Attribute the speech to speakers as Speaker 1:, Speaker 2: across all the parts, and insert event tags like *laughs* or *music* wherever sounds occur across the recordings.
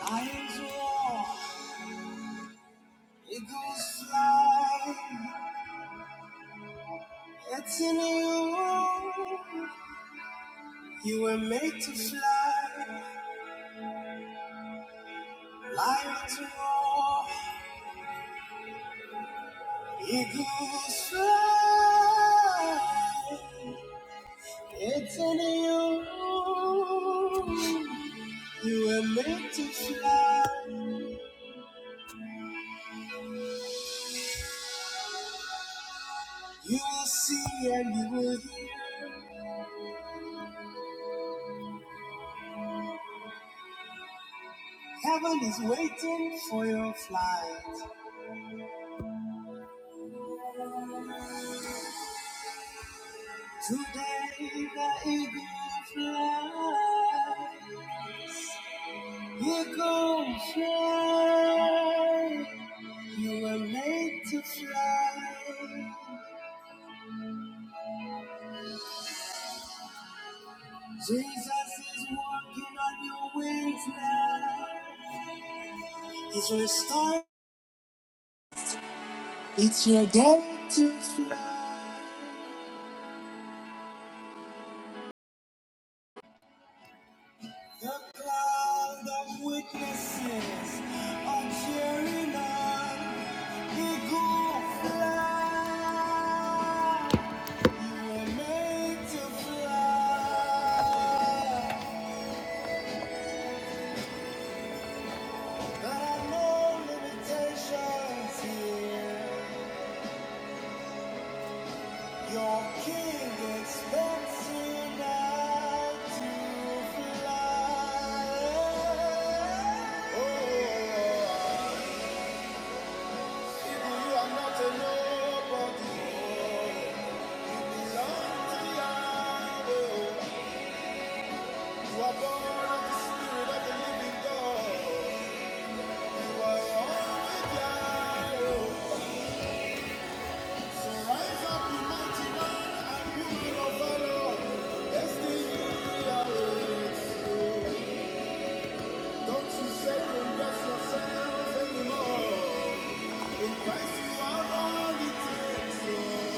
Speaker 1: Lions roar, eagles fly. It's in you. You were made to fly. Lions roar, eagles fly. It's in you. You were made to fly. You will see and you will hear. Heaven is waiting for your flight. Today the eagle fly, eagle fly. You were made to fly. Jesus is walking on your wings now. It's your start. It's your day to fly. The cloud of witnesses are cheering on the good flag. You were made to fly. There are no limitations here. Your king expects you now to fly. Oh, yeah, yeah, yeah. You are not a nobody. Belong to Yahweh. You are born of the Spirit of the living God. You are one with So rise up, mighty man, and you will overflow. Destiny awaits you. Don't you second yourself anymore. In Christ you are all it takes.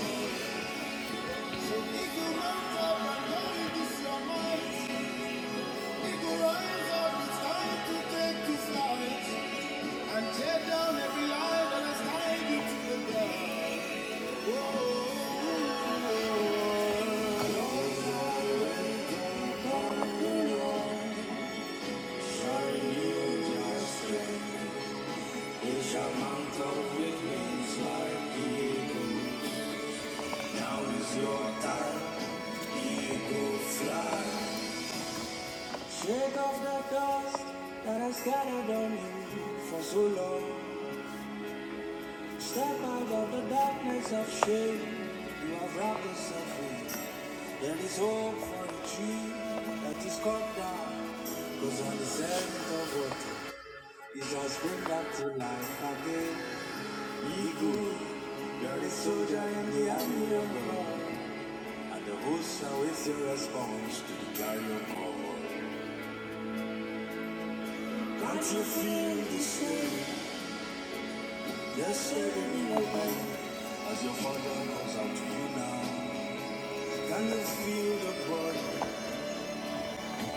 Speaker 1: Amount of wings like eagle, now is your time, you go fly. Shake off the dust that has scattered on you for so long. Step out of the darkness of shame you have wrapped yourself in. There is hope for the tree that is cut down. Cause on the seventh of water, it shall spring back to life again. Be good. You're a soldier in the army of God. And the host shall wait your response to the call. Can't you feel the same? Yesterday morning, as your father goes out to you now, can you feel the burn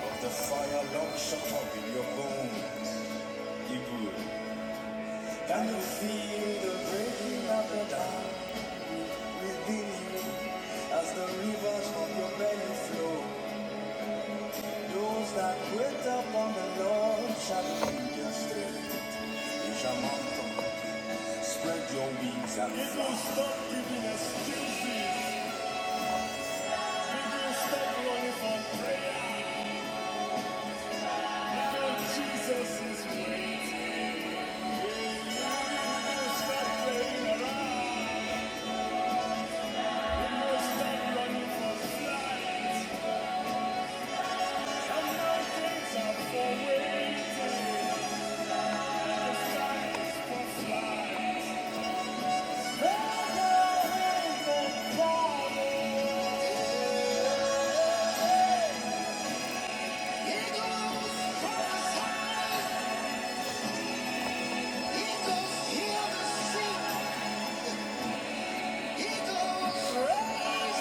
Speaker 1: of the fire locked shut up in your bones? Hebrew. Can you feel the breaking of the dam within you as the rivers from your belly flow? Those that wait upon the Lord shall be justice. You shall mount up, spread your wings and fly. It will fly. stop giving excuses. It will stop running from He goes, raise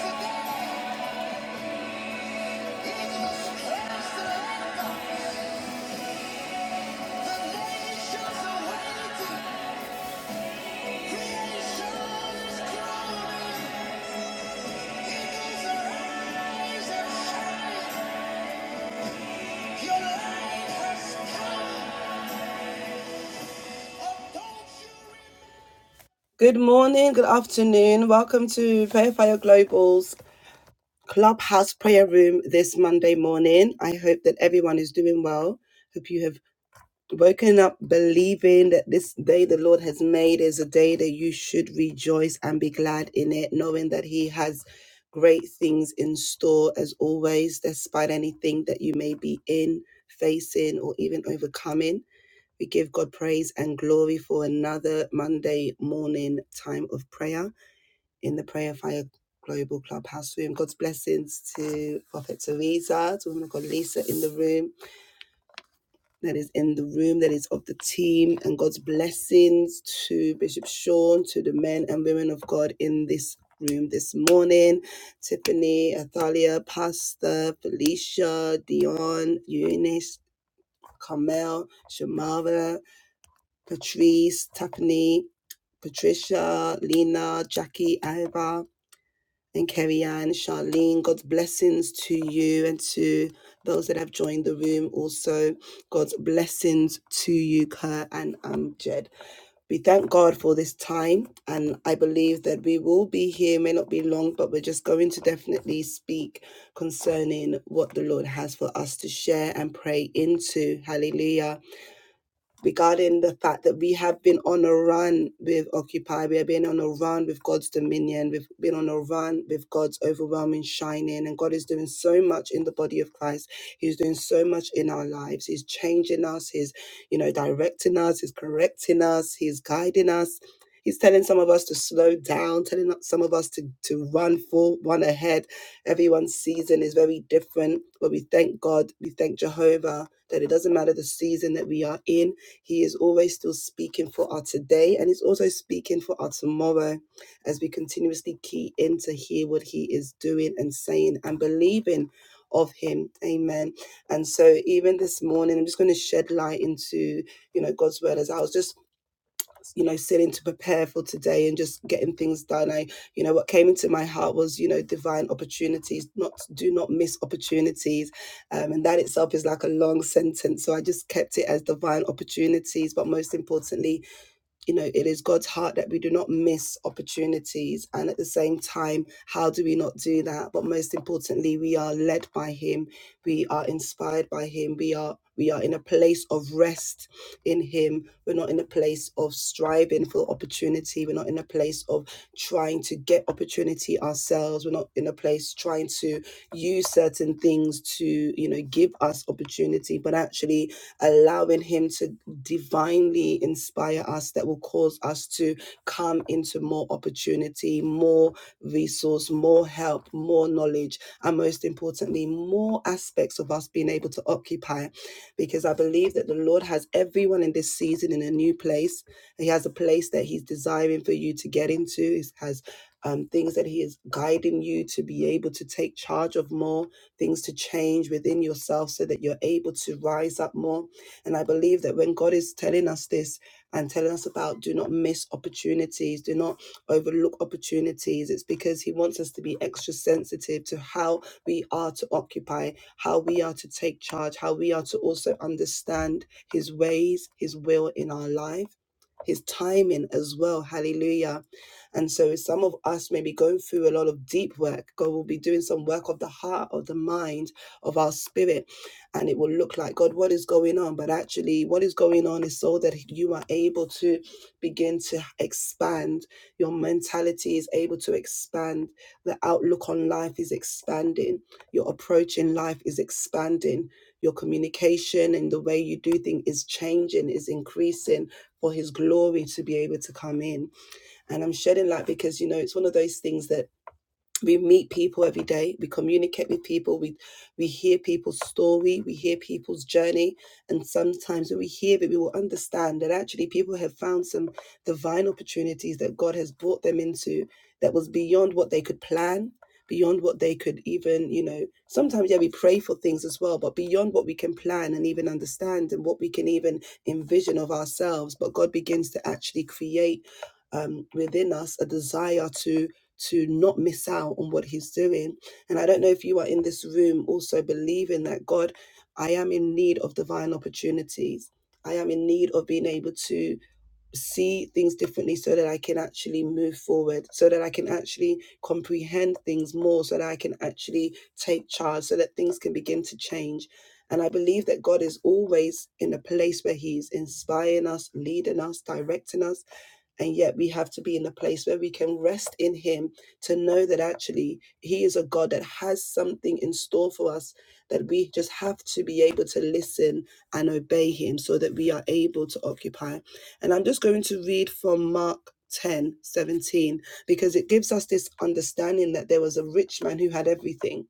Speaker 1: the dead. He goes, crush the enemy. Good morning, good afternoon. Welcome to Prayer Fire Global's Clubhouse Prayer Room this Monday morning. I hope that everyone is doing well. Hope you have. Waking up believing that this day the Lord has made is a day that you should rejoice and be glad in it, knowing that He has great things in store as always, despite anything that you may be in, facing, or even overcoming. We give God praise and glory for another Monday morning time of prayer in the Prayer Fire Global Clubhouse room. God's blessings to Prophet Teresa, to woman of God Lisa in the room, that is in the room, that is of the team, and God's blessings to Bishop Sean, to the men and women of God in this room this morning. Tiffany, Athalia, Pastor, Felicia, Dion, Eunice, Carmel, Shamara, Patrice, Tiffany, Patricia, Lena, Jackie, Ava and Kerry Ann, Charlene. God's blessings to you and to those that have joined the room. Also, God's blessings to you, Kerr and um, Jed. We thank God for this time, and I believe that we will be here, may not be long, but we're just going to definitely speak concerning what the Lord has for us to share and pray into. Hallelujah regarding the fact that we have been on a run with Occupy, we have been on a run with God's dominion, we've been on a run with God's overwhelming shining, and God is doing so much in the body of Christ. He's doing so much in our lives. He's changing us, he's, you know, directing us, he's correcting us, he's guiding us. He's telling some of us to slow down, telling some of us to, to run full, run ahead. Everyone's season is very different, but we thank God, we thank Jehovah that it doesn't matter the season that we are in he is always still speaking for our today and He's also speaking for our tomorrow as we continuously key in to hear what He is doing and saying and believing of Him. Amen. And so even this morning, I'm just going to shed light into, you know, God's word as I was just you know, sitting to prepare for today and just getting things done. I, you know, what came into my heart was, you know, divine opportunities. Not do not miss opportunities, um, and that itself is like a long sentence. So I just kept it as divine opportunities, but most importantly, you know, it is God's heart that we do not miss opportunities. And at the same time, how do we not do that? But most importantly, we are led by Him. We are inspired by Him. We are we are in a place of rest in Him. We're not in a place of striving for opportunity. We're not in a place of trying to get opportunity ourselves. We're not in a place trying to use certain things to, you know, give us opportunity. But actually, allowing Him to divinely inspire us that will cause us to come into more opportunity, more resource, more help, more knowledge, and most importantly, more aspects of us being able to occupy. Because I believe that the Lord has everyone in this season in a new place. He has a place that He's desiring for you to get into. He has um, things that He is guiding you to be able to take charge of more, things to change within yourself so that you're able to rise up more and I believe that when God is telling us this and telling us about do not miss opportunities, do not overlook opportunities, it's because He wants us to be extra sensitive to how we are to occupy, how we are to take charge, how we are to also understand His ways, His will in our life. His timing as well. Hallelujah. And so, if some of us may be going through a lot of deep work, God will be doing some work of the heart, of the mind, of our spirit and it will look like God, what is going on? But actually, what is going on is so that you are able to begin to expand. Your mentality is able to expand. The outlook on life is expanding. Your approach in life is expanding. Your communication and the way you do things is changing, is increasing for His glory to be able to come in. And I'm shedding light because, you know, it's one of those things that we meet people every day we communicate with people we we hear people's story we hear people's journey and sometimes when we hear it we will understand that actually people have found some divine opportunities that god has brought them into that was beyond what they could plan beyond what they could even you know sometimes yeah we pray for things as well but beyond what we can plan and even understand and what we can even envision of ourselves but god begins to actually create um, within us a desire to to not miss out on what he's doing. And I don't know if you are in this room also believing that God, I am in need of divine opportunities. I am in need of being able to see things differently so that I can actually move forward, so that I can actually comprehend things more, so that I can actually take charge, so that things can begin to change. And I believe that God is always in a place where He's inspiring us, leading us, directing us. And yet we have to be in a place where we can rest in Him to know that actually He is a God that has something in store for us, that we just have to be able to listen and obey Him so that we are able to occupy and I'm just going to read from Mark 10 17 because it gives us this understanding that there was a rich man who had everything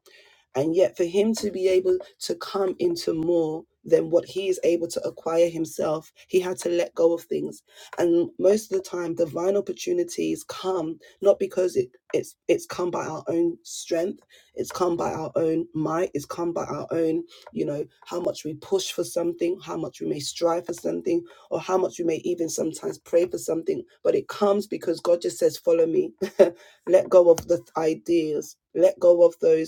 Speaker 1: and yet for him to be able to come into more than what he is able to acquire himself he had to let go of things and most of the time divine opportunities come not because it, it's it's come by our own strength it's come by our own might it's come by our own you know how much we push for something how much we may strive for something or how much you may even sometimes pray for something, but it comes because God just says, Follow me. *laughs* let go of the ideas, let go of those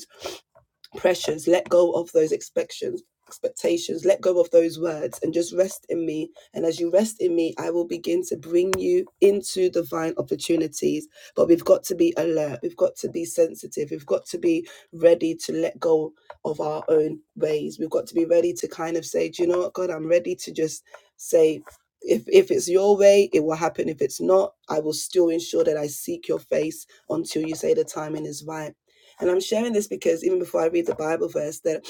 Speaker 1: pressures, let go of those expectations, expectations, let go of those words and just rest in me. And as you rest in me, I will begin to bring you into divine opportunities. But we've got to be alert, we've got to be sensitive, we've got to be ready to let go of our own ways. We've got to be ready to kind of say, Do you know what, God, I'm ready to just say if if it's your way, it will happen. If it's not, I will still ensure that I seek your face until you say the timing is right and I'm sharing this because even before I read the Bible verse, that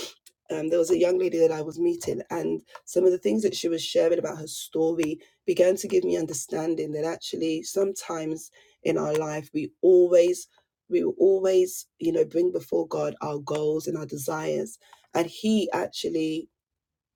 Speaker 1: um, there was a young lady that I was meeting, and some of the things that she was sharing about her story began to give me understanding that actually sometimes in our life we always we will always you know bring before God our goals and our desires, and He actually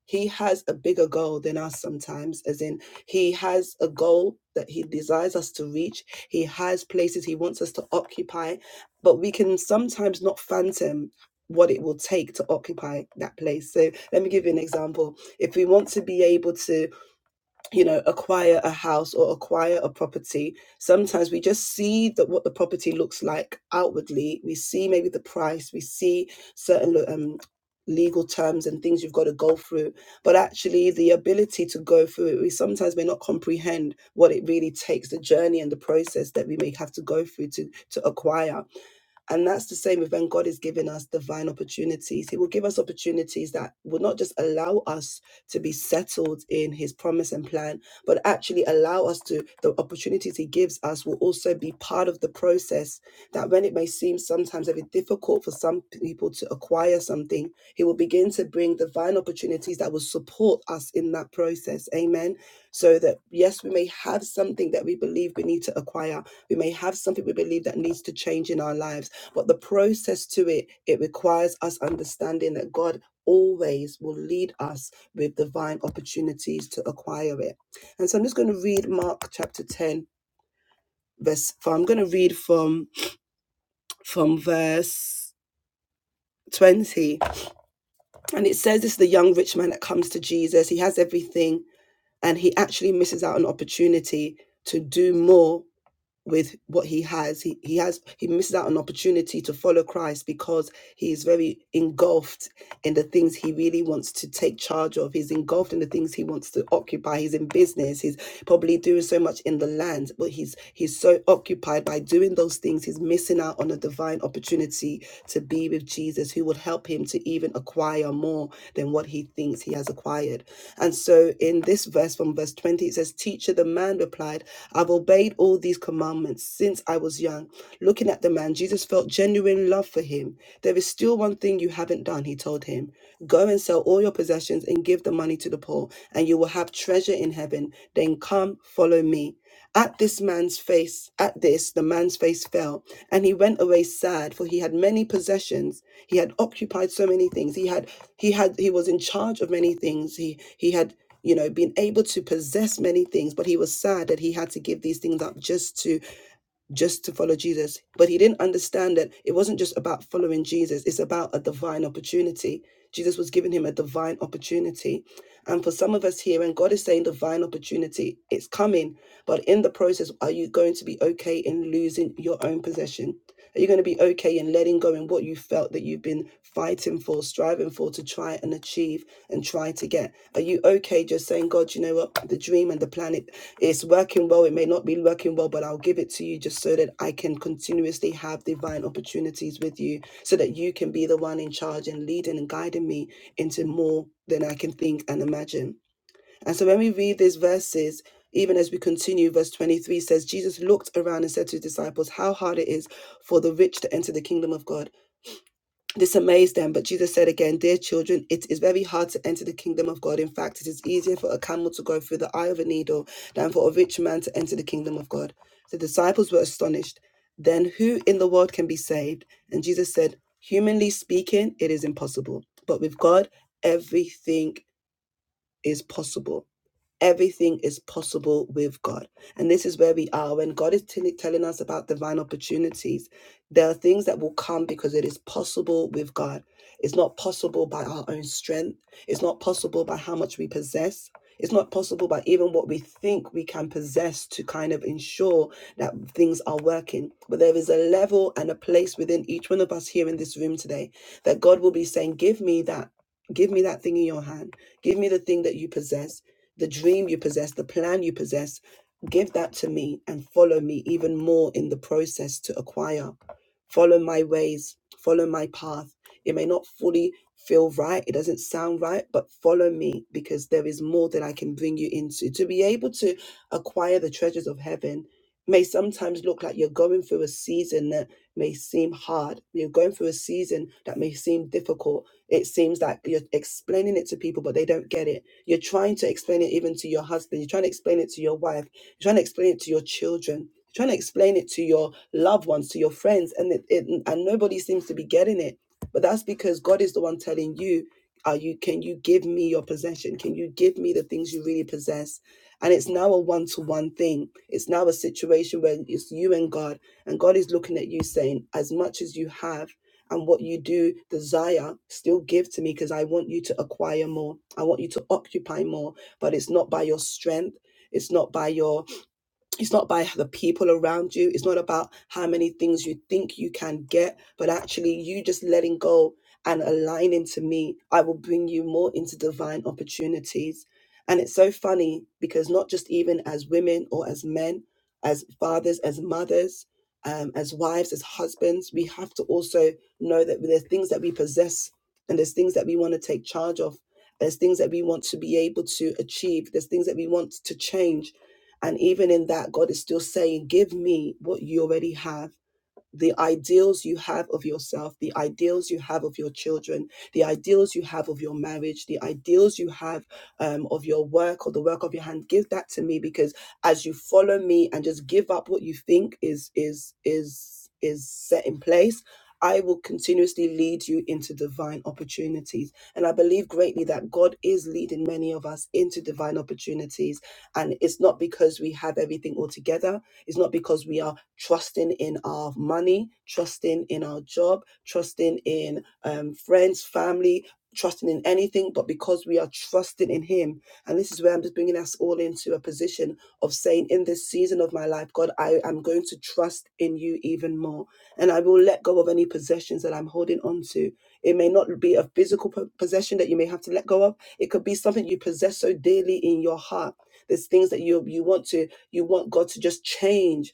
Speaker 1: he has a bigger goal than us sometimes, as in, He has a goal that He desires us to reach. He has places He wants us to occupy, but we can sometimes not fathom what it will take to occupy that place. So, let me give you an example. If we want to be able to you know acquire a house or acquire a property sometimes we just see that what the property looks like outwardly we see maybe the price we see certain um, legal terms and things you've got to go through but actually the ability to go through it we sometimes may not comprehend what it really takes the journey and the process that we may have to go through to to acquire and that's the same with when God is giving us divine opportunities. He will give us opportunities that will not just allow us to be settled in his promise and plan, but actually allow us to, the opportunities he gives us will also be part of the process that when it may seem sometimes very difficult for some people to acquire something, he will begin to bring divine opportunities that will support us in that process. Amen. So that, yes, we may have something that we believe we need to acquire. We may have something we believe that needs to change in our lives. But the process to it, it requires us understanding that God always will lead us with divine opportunities to acquire it. And so I'm just going to read Mark chapter 10, verse 4. I'm going to read from, from verse 20. And it says this is the young rich man that comes to Jesus. He has everything and he actually misses out an opportunity to do more with what he has. He he has he misses out on opportunity to follow Christ because he is very engulfed in the things he really wants to take charge of. He's engulfed in the things he wants to occupy. He's in business. He's probably doing so much in the land, but he's he's so occupied by doing those things, he's missing out on a divine opportunity to be with Jesus, who will help him to even acquire more than what he thinks he has acquired. And so in this verse from verse 20, it says, Teacher, the man replied, I've obeyed all these commandments since I was young. Looking at the man, Jesus felt genuine love for him. There is still one thing you haven't done, he told him. Go and sell all your possessions and give the money to the poor, and you will have treasure in heaven. Then come, follow me. At this man's face, at this, the man's face fell, and he went away sad, for he had many possessions. He had occupied so many things. He had, he had, he was in charge of many things. He, he had, you know, been able to possess many things, but he was sad that he had to give these things up just to just to follow Jesus. But he didn't understand that it wasn't just about following Jesus, it's about a divine opportunity. Jesus was giving him a divine opportunity. And for some of us here, and God is saying divine opportunity, it's coming. But in the process, are you going to be okay in losing your own possession? Are you going to be okay in letting go in what you felt that you've been fighting for, striving for to try and achieve and try to get? Are you okay just saying, God, you know what? The dream and the planet? It's working well, it may not be working well, but I'll give it to you just so that I can continuously have divine opportunities with you so that you can be the one in charge and leading and guiding me into more than I can think and imagine. And so when we read these verses, even as we continue, verse 23 says, Jesus looked around and said to his disciples, How hard it is for the rich to enter the kingdom of God. This amazed them, but Jesus said again, Dear children, it is very hard to enter the kingdom of God. In fact, it is easier for a camel to go through the eye of a needle than for a rich man to enter the kingdom of God. The disciples were astonished. Then who in the world can be saved? And Jesus said, Humanly speaking, it is impossible, but with God, everything is possible. Everything is possible with God. And this is where we are. When God is telli- telling us about divine opportunities, there are things that will come because it is possible with God. It's not possible by our own strength, it's not possible by how much we possess. It's not possible by even what we think we can possess to kind of ensure that things are working. But there is a level and a place within each one of us here in this room today that God will be saying, Give me that. Give me that thing in your hand. Give me the thing that you possess the dream you possess, the plan you possess, give that to me and follow me even more in the process to acquire. Follow my ways, follow my path. It may not fully feel right, it doesn't sound right, but follow me because there is more that I can bring you into. To be able to acquire the treasures of heaven may sometimes look like you're going through a season. that may seem hard. You're going through a season that may seem difficult. It seems like you're explaining it to people, but they don't get it. You're trying to explain it even to your husband. You're trying to explain it to your wife. You're trying to explain it to your children. You're trying to explain it to your loved ones, to your friends, and it, it, and nobody seems to be getting it. But that's because God is the one telling you, "Are you? Can you give me your possession? Can you give me the things you really possess?" And it's now a one to one thing. It's now a situation where it's you and God, and God is looking at you saying, as much as you have and what you do desire, still give to me because I want you to acquire more. I want you to occupy more, but it's not by your strength. It's not by your it's not by the people around you. It's not about how many things you think you can get, but actually you just letting go and aligning to me. I will bring you more into divine opportunities. And it's so funny because not just even as women or as men, as fathers, as mothers, um, as wives, as husbands, we have to also know that there's things that we possess and there's things that we want to take charge of. There's things that we want to be able to achieve. There's things that we want to change and even in that, God is still saying, Give me what you already have the ideals you have of yourself, the ideals you have of your children, the ideals you have of your marriage, the ideals you have um, of your work or the work of your hand. Give that to me because as you follow me and just give up what you think is is is is set in place. I will continuously lead you into divine opportunities. And I believe greatly that God is leading many of us into divine opportunities. And it's not because we have everything all together it's not because we are trusting in our money, trusting in our job, trusting in um, friends, family, trusting in anything, but because we are trusting in Him. And this is where I'm just bringing us all into a position of saying, in this season of my life, God, I am going to trust in you even more. And I will let go of any possessions that I'm holding on to. It may not be a physical po- possession that you may have to let go of, it could be something you possess so dearly in your heart. There's things that you you want to you want God to just change.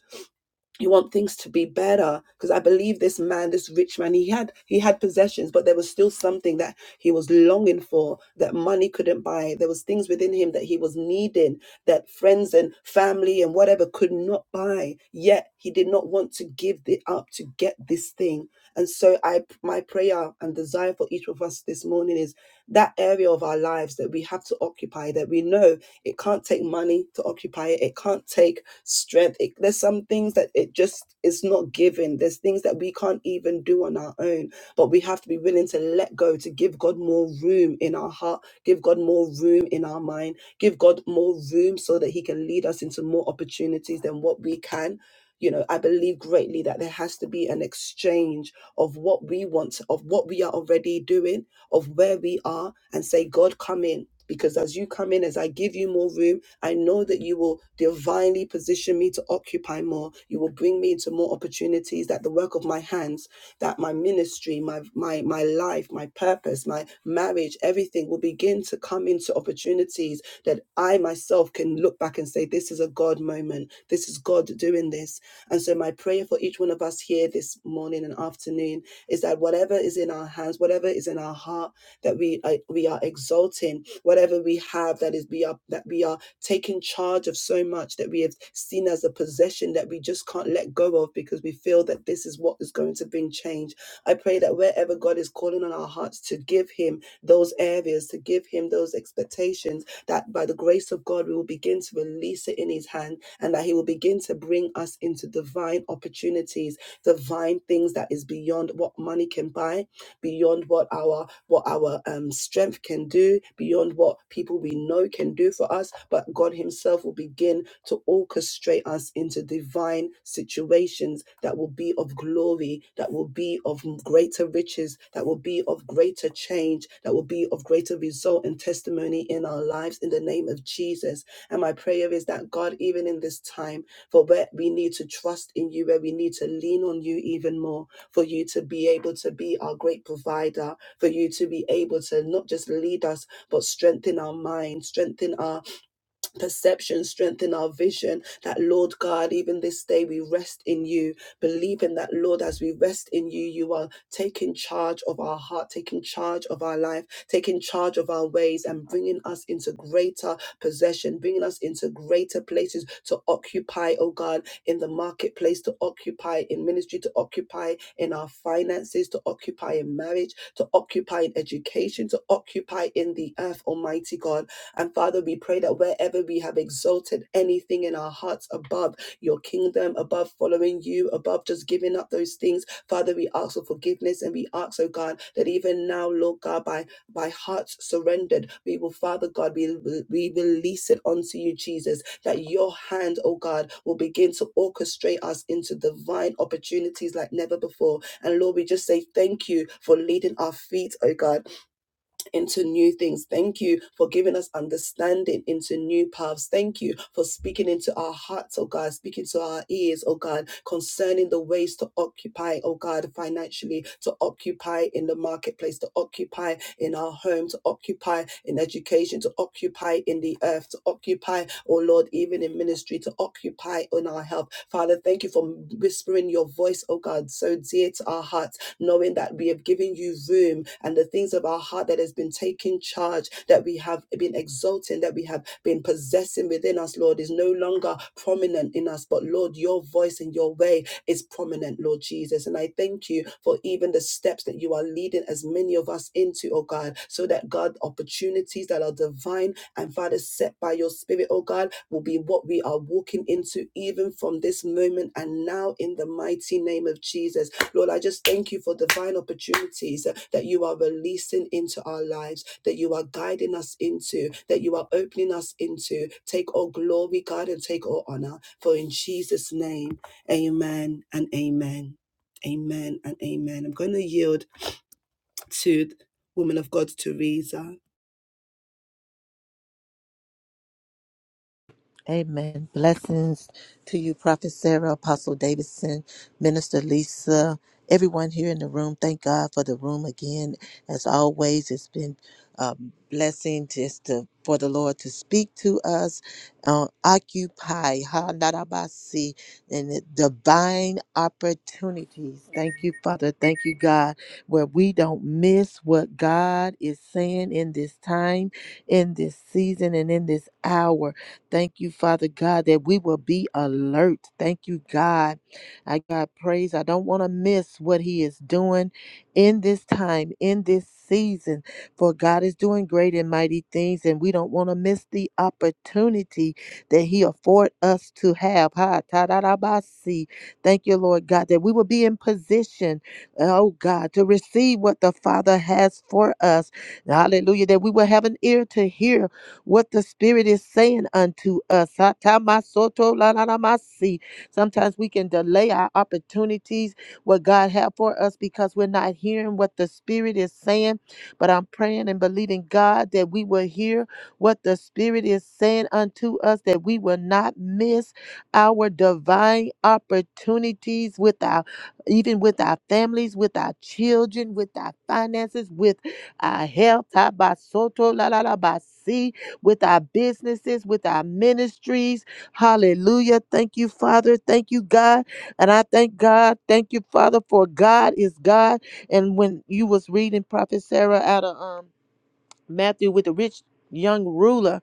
Speaker 1: You want things to be better because I believe this man, this rich man, he had he had possessions, but there was still something that he was longing for that money couldn't buy. There was things within him that he was needing that friends and family and whatever could not buy. Yet he did not want to give it up to get this thing. And so I my prayer and desire for each of us this morning is that area of our lives that we have to occupy that we know it can't take money to occupy it. It can't take strength. It, there's some things that it just is not given. There's things that we can't even do on our own, but we have to be willing to let go, to give God more room in our heart, give God more room in our mind, give God more room so that He can lead us into more opportunities than what we can. You know, I believe greatly that there has to be an exchange of what we want, of what we are already doing of where we are and say, God, come in. Because as you come in, as I give you more room, I know that you will divinely position me to occupy more. You will bring me into more opportunities that the work of my hands, that my ministry, my my my life, my purpose, my marriage, everything will begin to come into opportunities that I myself can look back and say, This is a God moment. This is God doing this. And so my prayer for each one of us here this morning and afternoon is that whatever is in our hands, whatever is in our heart, that we uh, we are exalting, whatever we have, that is we are that we are taking charge of so much that we have seen as a possession that we just can't let go of because we feel that this is what is going to bring change. I pray that wherever God is calling on our hearts to give Him those areas, to give Him those expectations, that by the grace of God we will begin to release it in His hand, and that He will begin to bring us into divine opportunities divine things that is beyond what money can buy, beyond what our what our um, strength can do, beyond what people we know can do for us. But God Himself will begin to orchestrate us into divine situations that will be of glory, that will be of greater riches, that will be of greater change, that will be of greater result and testimony in our lives in the name of Jesus. And my prayer is that God, even in this time, for where we need to trust in you, where we need to lean on you even more, for you to be able to be our great provider, for you to be able to not just lead us, but strengthen our mind, strengthen our perception, strengthen our vision. That, Lord God, even this day we rest in you, believing that, Lord, as we rest in you, you are taking charge of our heart, taking charge of our life, taking charge of our ways, and bringing us into greater possession, bringing us into greater places to occupy, oh God, in the marketplace, to occupy in ministry, to occupy in our finances, to occupy in marriage, to occupy in education, to occupy in the earth, Almighty God. And Father, we pray that wherever we have exalted anything in our hearts above your kingdom, above following you, above just giving up those things, Father, we ask for forgiveness and we ask, oh God, that even now, Lord God, by, by hearts surrendered, we will, Father God, we, we release it onto you, Jesus, that your hand, oh God, will begin to orchestrate us into divine opportunities like never before. And Lord, we just say thank you for leading our feet, oh God into new things. Thank you for giving us understanding into new paths. Thank you for speaking into our hearts, oh God, speaking to our ears, oh God, concerning the ways to occupy, oh God, financially, to occupy in the marketplace, to occupy in our home, to occupy in education, to occupy in the earth, to occupy, oh Lord, even in ministry, to occupy in our health. Father, thank you for whispering your voice, oh God, so dear to our heart knowing that we have given you room and the things of our heart that has been taken charge, that we have been exalting, that we have been possessing within us, Lord, is no longer prominent in us. But Lord, your voice and your way is prominent, Lord Jesus. And I thank you for even the steps that you are leading as many of us into, oh God, so that God, opportunities that are divine and Father, set by your Spirit, oh God, will be what we are walking into even from this moment and now in the mighty name of Jesus. Lord, I just thank you for divine opportunities uh, that you are releasing into our lives, that you are guiding us into, that you are opening us into. Take all glory, God, and take all honor. For in Jesus' name, amen and amen. Amen and amen. I'm going to yield to woman of God, Teresa.
Speaker 2: Amen. Blessings to you, Prophet Sarah, Apostle Davidson, Minister Lisa, everyone here in the room. Thank God for the room again. As always, it's been a blessing just to, for the Lord to speak to us. Uh, occupy, ha, narabasi, and the divine opportunities. Thank you, Father. Thank you, God, where we don't miss what God is saying in this time, in this season, and in this hour. Thank you, Father God, that we will be alert. Thank you, God. I God praise. I don't want to miss what He is doing in this time, in this season. For God is doing great and mighty things, and we don't want to miss the opportunity that He afford us to have. Ha ta da da ba si. Thank you, Lord God, that we will be in position, oh God, to receive what the Father has for us. Hallelujah. That we will have an ear to hear what the Spirit is saying unto us. Satamasoto lalanamasi. Sometimes we can delay our opportunities, what God have for us, because we're not hearing what the Spirit is saying. But I'm praying and believing God that we will hear what the Spirit is saying unto us, that we will not miss our divine opportunities with our even with our families, with our children, with our finances, with our health. Tabasoto la la la ba si with our businesses, with our ministries. Hallelujah. Thank you, Father. Thank you, God. And I thank God. Thank you, Father, for God is God. And when you was reading Prophet Sarah out of um, Matthew with the rich young ruler,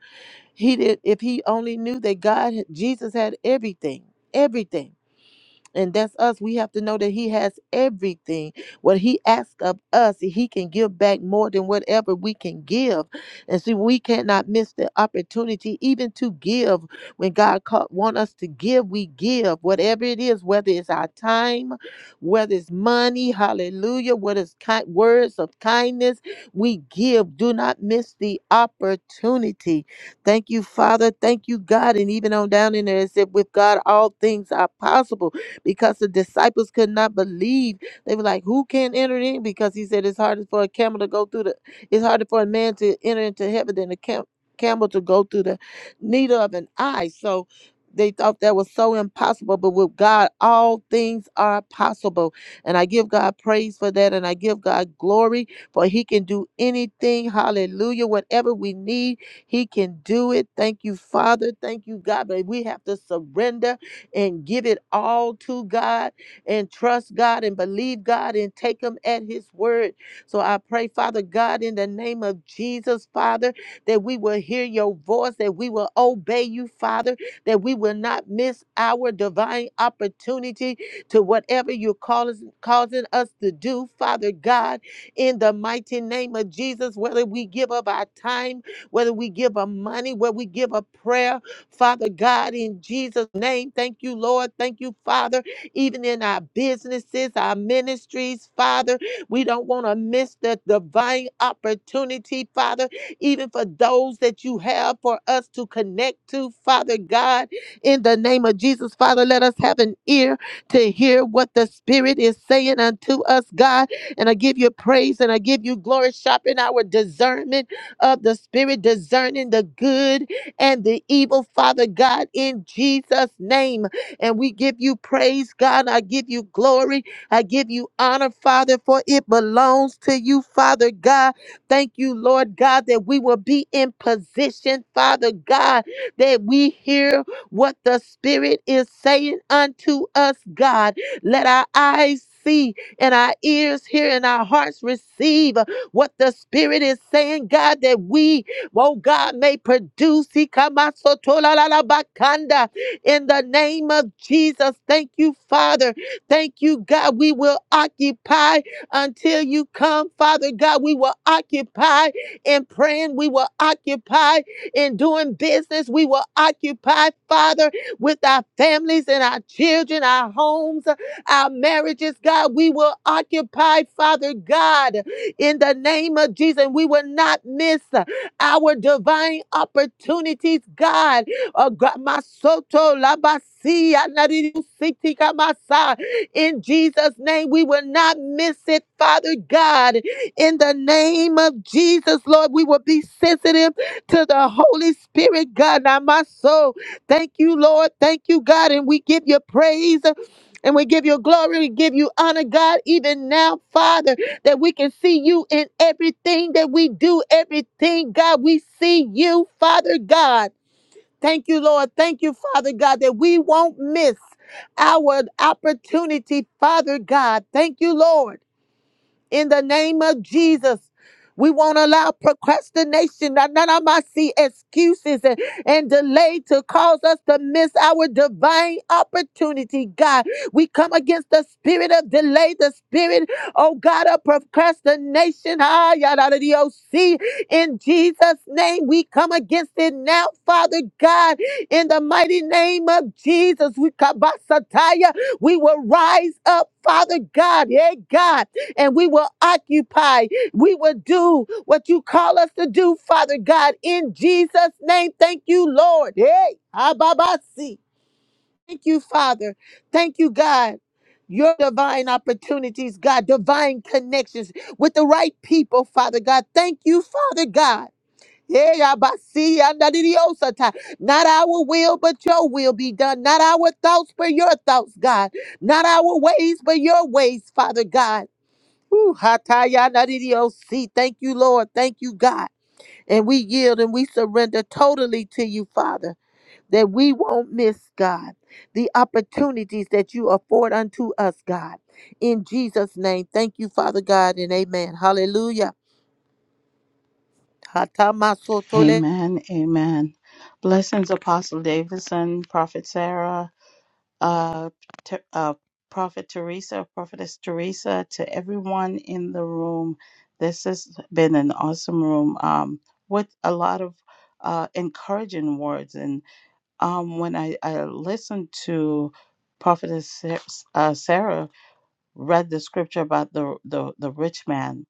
Speaker 2: he did if he only knew that God Jesus had everything. Everything and that's us we have to know that he has everything what he asks of us he can give back more than whatever we can give and see we cannot miss the opportunity even to give when god call, want us to give we give whatever it is whether it's our time whether it's money hallelujah whether it's kind, words of kindness we give do not miss the opportunity thank you father thank you god and even on down in there it said with god all things are possible because the disciples could not believe. They were like, Who can enter in? Because he said it's harder for a camel to go through the it's harder for a man to enter into heaven than a cam- camel to go through the needle of an eye. So they thought that was so impossible, but with God, all things are possible. And I give God praise for that, and I give God glory for He can do anything. Hallelujah. Whatever we need, He can do it. Thank you, Father. Thank you, God. But we have to surrender and give it all to God and trust God and believe God and take Him at His word. So I pray, Father God, in the name of Jesus, Father, that we will hear your voice, that we will obey you, Father, that we will not miss our divine opportunity to whatever you're calling, causing us to do, Father God, in the mighty name of Jesus, whether we give up our time, whether we give up money, whether we give up prayer. Father God, in Jesus' name, thank you, Lord. Thank you, Father. Even in our businesses, our ministries, Father, we don't want to miss the divine opportunity, Father, even for those that you have for us to connect to, Father God, in the name of Jesus, Father, let us have an ear to hear what the Spirit is saying unto us, God. And I give you praise and I give you glory, sharpen our discernment of the Spirit, discerning the good and the evil, Father God, in Jesus' name. And we give you praise, God. I give you glory. I give you honor, Father, for it belongs to you, Father God. Thank you, Lord God, that we will be in position, Father God, that we hear what the Spirit is saying unto us, God. Let our eyes see and our ears hear and our hearts receive what the Spirit is saying, God, that we oh God, may produce. Ikamasotolalabakanda. In the name of Jesus, thank you, Father. Thank you, God. We will occupy until you come, Father God. We will occupy in praying. We will occupy in doing business. We will occupy, Father, with our families and our children, our homes, our marriages, God. We will occupy, Father God, in the name of Jesus. And we will not miss our divine opportunities, God. Oh, God, my soto labasi, anadidu siti kamasa. In Jesus' name, we will not miss it, Father God. In the name of Jesus, Lord, we will be sensitive to the Holy Spirit, God. Now, my soul, thank you, Lord. Thank you, God. And we give you praise and we give you glory. We give you honor, God, even now, Father that we can see you in everything that we do, everything, God. We see you, Father God. Thank you, Lord. Thank you, Father God, that we won't miss our opportunity, Father God. Thank you, Lord in the name of Jesus. We won't allow procrastination, none of my see excuses and, and delay to cause us to miss our divine opportunity, God. We come against the spirit of delay, the spirit, oh God, of procrastination. Ah, yada, da, dee, oh, see. In Jesus' name, we come against it now, Father God. In the mighty name of Jesus, we kabasataya. We will rise up, Father God. Yeah, God and we will occupy. We will do what you call us to do, Father God, in Jesus' name. Thank you, Lord. Hey, Ababasi. Thank you, Father. Thank you, God. Your divine opportunities, God, divine connections with the right people, Father God. Thank you, Father God. Hey, Abasi, Andadidiosata. Not our will, but your will be done. Not our thoughts, but your thoughts, God. Not our ways, but your ways, Father God. Woo, hatayanadidiosi. Thank you, Lord. Thank you, God. And we yield and we surrender totally to you, Father, that we won't miss, God, the opportunities that you afford unto us, God. In Jesus' name, thank you, Father God, and amen. Hallelujah. Hatamasotole.
Speaker 3: Amen. Amen. Blessings, Apostle Davidson, Prophet Sarah, uh, Te- uh, Prophet Teresa, Prophetess Teresa, to everyone in the room. This has been an awesome room um, with a lot of uh, encouraging words. And um, when I, I listened to Prophetess Sa- uh, Sarah read the scripture about the, the, the rich man,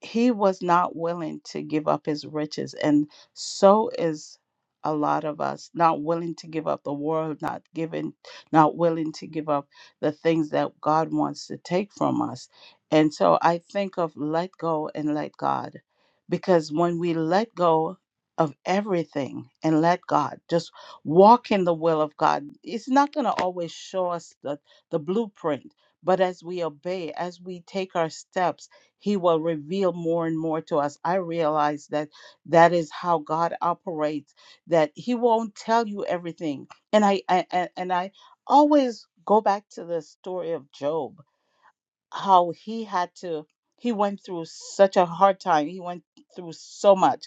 Speaker 3: he was not willing to give up his riches and so is a lot of us not willing to give up the world not giving not willing to give up the things that god wants to take from us and so i think of let go and let god because when we let go of everything and let god just walk in the will of god it's not going to always show us the, the blueprint but as we obey as we take our steps he will reveal more and more to us. I realize that that is how God operates, that He won't tell you everything. And I, I and and I always go back to the story of Job, how he had to, he went through such a hard time. He went through so much.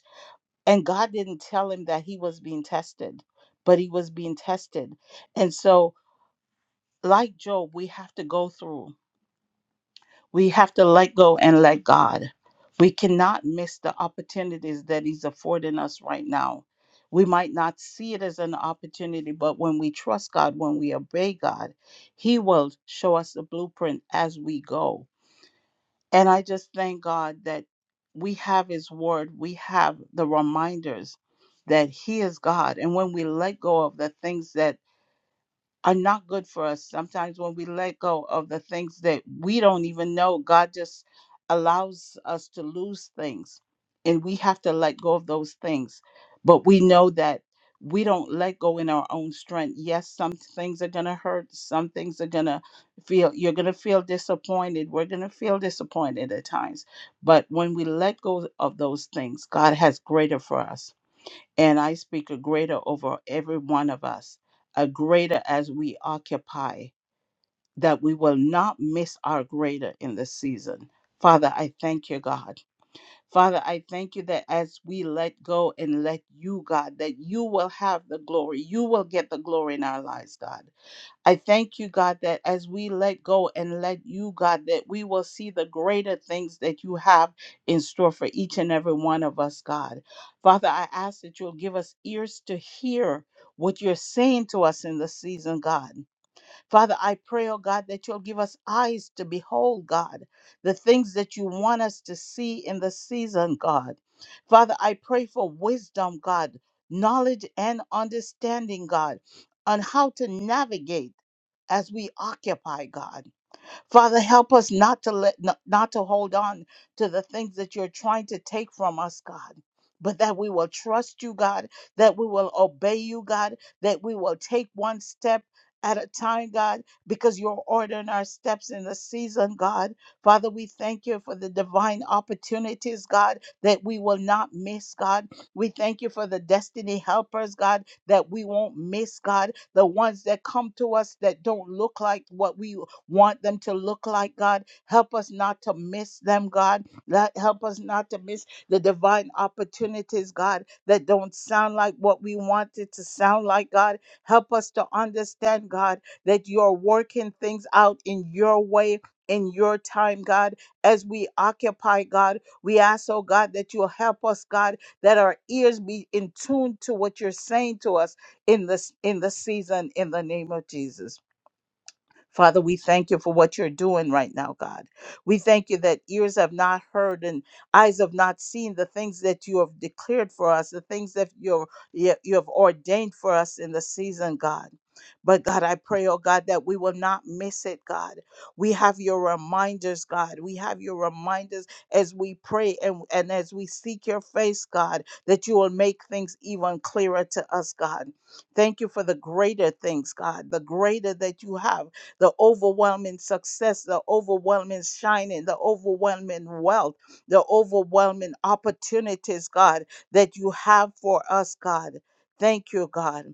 Speaker 3: And God didn't tell him that he was being tested, but he was being tested. And so, like Job, we have to go through. We have to let go and let God. We cannot miss the opportunities that He's affording us right now. We might not see it as an opportunity, but when we trust God, when we obey God, He will show us the blueprint as we go. And I just thank God that we have His Word, we have the reminders that He is God. And when we let go of the things that are not good for us. Sometimes when we let go of the things that we don't even know, God just allows us to lose things. And we have to let go of those things. But we know that we don't let go in our own strength. Yes, some things are going to hurt. Some things are going to feel, you're going to feel disappointed. We're going to feel disappointed at times. But when we let go of those things, God has greater for us and I speak a greater over every one of us, a greater as we occupy, that we will not miss our greater in this season. Father, I thank you, God. Father, I thank you that as we let go and let you, God, that you will have the glory. You will get the glory in our lives, God. I thank you, God, that as we let go and let you, God, that we will see the greater things that you have in store for each and every one of us, God. Father, I ask that you'll give us ears to hear what you're saying to us in this season, God. Father, I pray, oh God, that you'll give us eyes to behold, God, the things that you want us to see in the season, God. Father, I pray for wisdom, God, knowledge and understanding, God, on how to navigate as we occupy, God. Father, help us not to let not, not to hold on to the things that you're trying to take from us, God. But that we will trust you, God, that we will obey you, God, that we will take one step at a time, God, because you're ordering our steps in the season, God. Father, we thank you for the divine opportunities, God, that we will not miss, God. We thank you for the destiny helpers, God, that we won't miss, God, the ones that come to us that don't look like what we want them to look like, God. Help us not to miss them, God. Let, help us not to miss the divine opportunities, God, that don't sound like what we want it to sound like, God. Help us to understand, God, that you're working things out in your way. In your time, God, as we occupy, God, we ask, oh God, that you'll help us, God, that our ears be in tune to what you're saying to us in this in the season in the name of Jesus. Father, we thank you for what you're doing right now, God. We thank you that ears have not heard and eyes have not seen the things that you have declared for us, the things that you're, you you have ordained for us in the season, God. But God, I pray, oh God, that we will not miss it, God. We have your reminders, God. We have your reminders as we pray and, and as we seek your face, God, that you will make things even clearer to us, God. Thank you for the greater things, God, the greater that you have the overwhelming success, the overwhelming shining, the overwhelming wealth, the overwhelming opportunities, God, that you have for us, God. Thank you, God.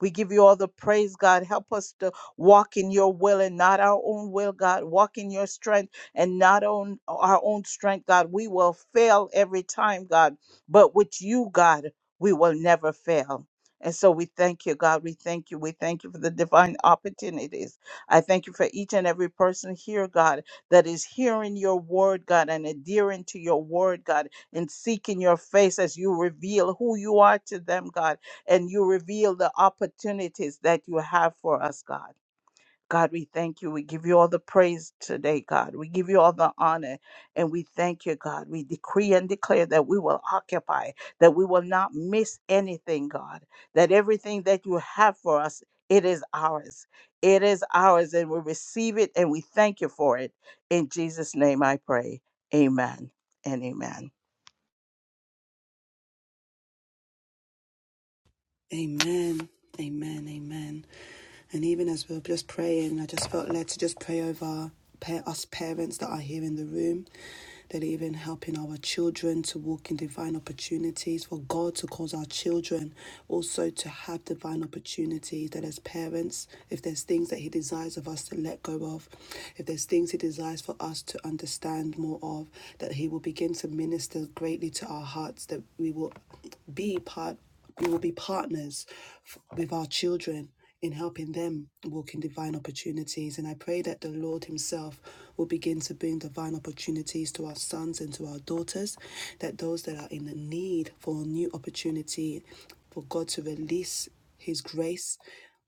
Speaker 3: We give you all the praise, God. Help us to walk in your will and not our own will, God. Walk in your strength and not on our own strength, God. We will fail every time, God. But with you, God, we will never fail. And so we thank you, God. We thank you. We thank you for the divine opportunities. I thank you for each and every person here, God, that is hearing your word, God, and adhering to your word, God, and seeking your face as you reveal who you are to them, God and you reveal the opportunities that you have for us, God. God, we thank you. We give you all the praise today, God. We give you all the honor and we thank you, God. We decree and declare that we will occupy, that we will not miss anything, God, that everything that you have for us, it is ours. It is ours and we receive it and we thank you for it. In Jesus' name I pray. Amen and amen.
Speaker 1: Amen. Amen. Amen. And even as we were just praying, I just felt led to just pray over us parents that are here in the room, that even helping our children to walk in divine opportunities, for God to cause our children also to have divine opportunities, that as parents, if there's things that He desires of us to let go of, if there's things He desires for us to understand more of, that He will begin to minister greatly to our hearts, that we will be part we will be partners with our children in helping them walk in divine opportunities. And I pray that the Lord Himself will begin to bring divine opportunities to our sons and to our daughters, that those that are in the need for a new opportunity, for God to release His grace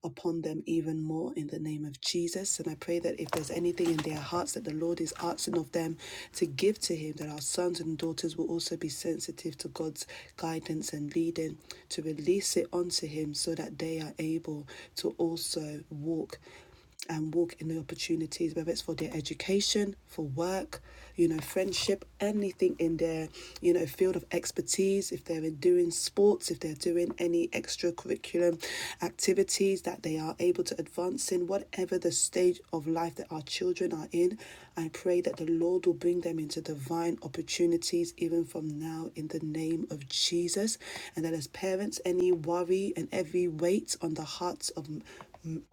Speaker 1: upon them even more in the name of Jesus. And I pray that if there's anything in their hearts that the Lord is asking of them to give to Him, that our sons and daughters will also be sensitive to God's guidance and leading to release it onto Him so that they are able to also walk and walk in the opportunities, whether it's for their education, for work, you know, friendship, anything in their, you know, field of expertise, if they're doing sports, if they're doing any extracurricular activities that they are able to advance in, whatever the stage of life that our children are in, I pray that the Lord will bring them into divine opportunities even from now in the name of Jesus. And that as parents, any worry and every weight on the hearts of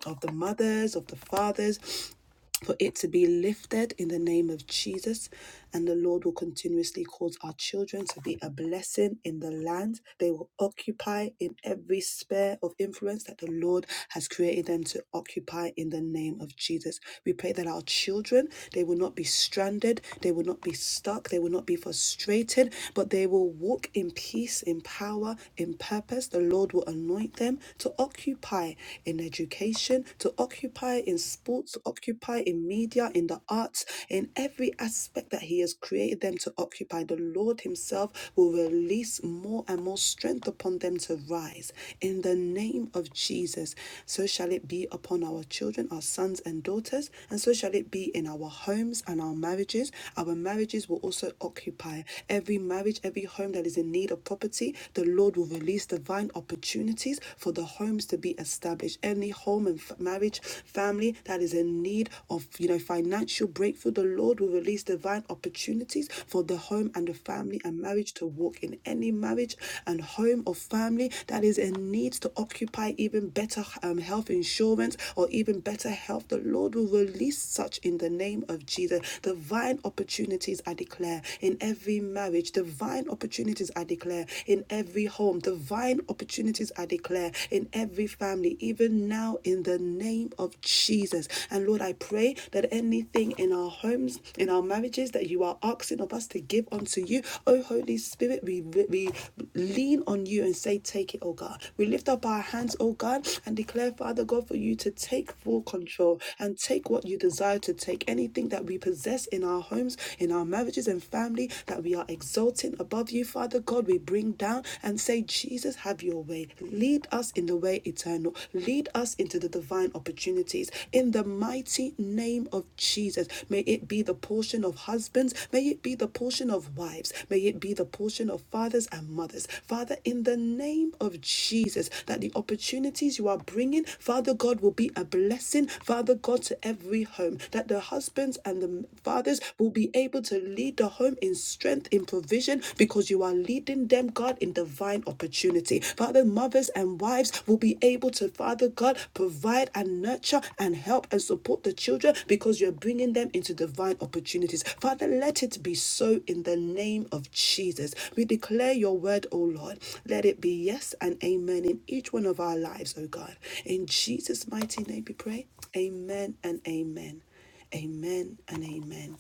Speaker 1: of the mothers, of the fathers, for it to be lifted in the name of Jesus. And the Lord will continuously cause our children to be a blessing in the land they will occupy in every sphere of influence that the Lord has created them to occupy in the name of Jesus. We pray that our children, they will not be stranded, they will not be stuck, they will not be frustrated, but they will walk in peace, in power, in purpose. The Lord will anoint them to occupy in education, to to occupy in sports, to occupy in media, in the arts, in every aspect that He has created them to occupy. The Lord Himself will release more and more strength upon them to rise in the name of Jesus. So shall it be upon our children, our sons and daughters, and so shall it be in our homes and our marriages. Our marriages will also occupy every marriage, every home that is in need of property. The Lord will release divine opportunities for the homes homes to be established, any home and f- marriage family that is in need of you know financial breakthrough, the Lord will release divine opportunities for the home and the family and marriage to walk in any marriage and home or family that is in need to occupy even better um, health insurance or even better health. The Lord will release such in the name of Jesus. Divine opportunities I declare in every marriage, divine opportunities I declare in every home, divine divine opportunities I declare in every family, even now in the name of Jesus. And Lord, I pray that anything in our homes, in our marriages that you are asking of us to give unto you, oh Holy Spirit, we, we lean on you and say, Take it, oh God. We lift up our hands, oh God, and declare, Father God, for you to take full control and take what you desire to take. Anything that we possess in our homes, in our marriages and family that we are exalting above you, Father. Father God, we bring down and say, Jesus, have your way. Lead us in the way eternal. Lead us into the divine opportunities. In the mighty name of Jesus, may it be the portion of husbands. May it be the portion of wives. May it be the portion of fathers and mothers. Father, in the name of Jesus, that the opportunities you are bringing, Father God, will be a blessing, Father God, to every home. That the husbands and the fathers will be able to lead the home in in strength, in provision, because you are leading them, God, in divine opportunity. Father, mothers and wives will be able to, Father God, provide and nurture and help and support the children because you're bringing them into divine opportunities. Father, let it be so in the name of Jesus. We declare your word, O Lord. Let it be yes and amen in each one of our lives, O God. In Jesus' mighty name we pray. Amen and amen. Amen and amen.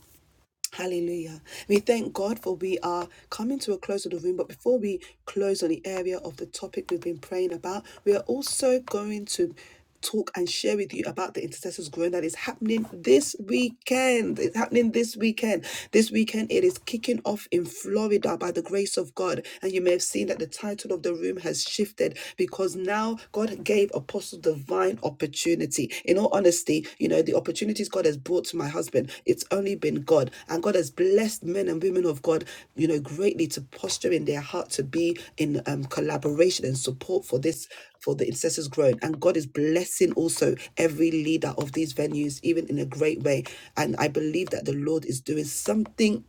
Speaker 1: Hallelujah. We thank God for we are coming to a close of the room. But before we close on the area of the topic we've been praying about, we are also going to talk and share with you about the intercessors growing that is happening this weekend. It's happening this weekend. This weekend it is kicking off in Florida by the grace of God. And you may have seen that the title of the room has shifted because now God God gave Apostle divine opportunity. In all honesty, you know, the opportunities God has brought to my husband, it's only been God. And God has blessed men and women of God, you know, greatly to posture in their heart to be in um, collaboration and support for this for the intercessors grown and god is blessing also every leader of these venues even in a great way and i believe that the lord is doing something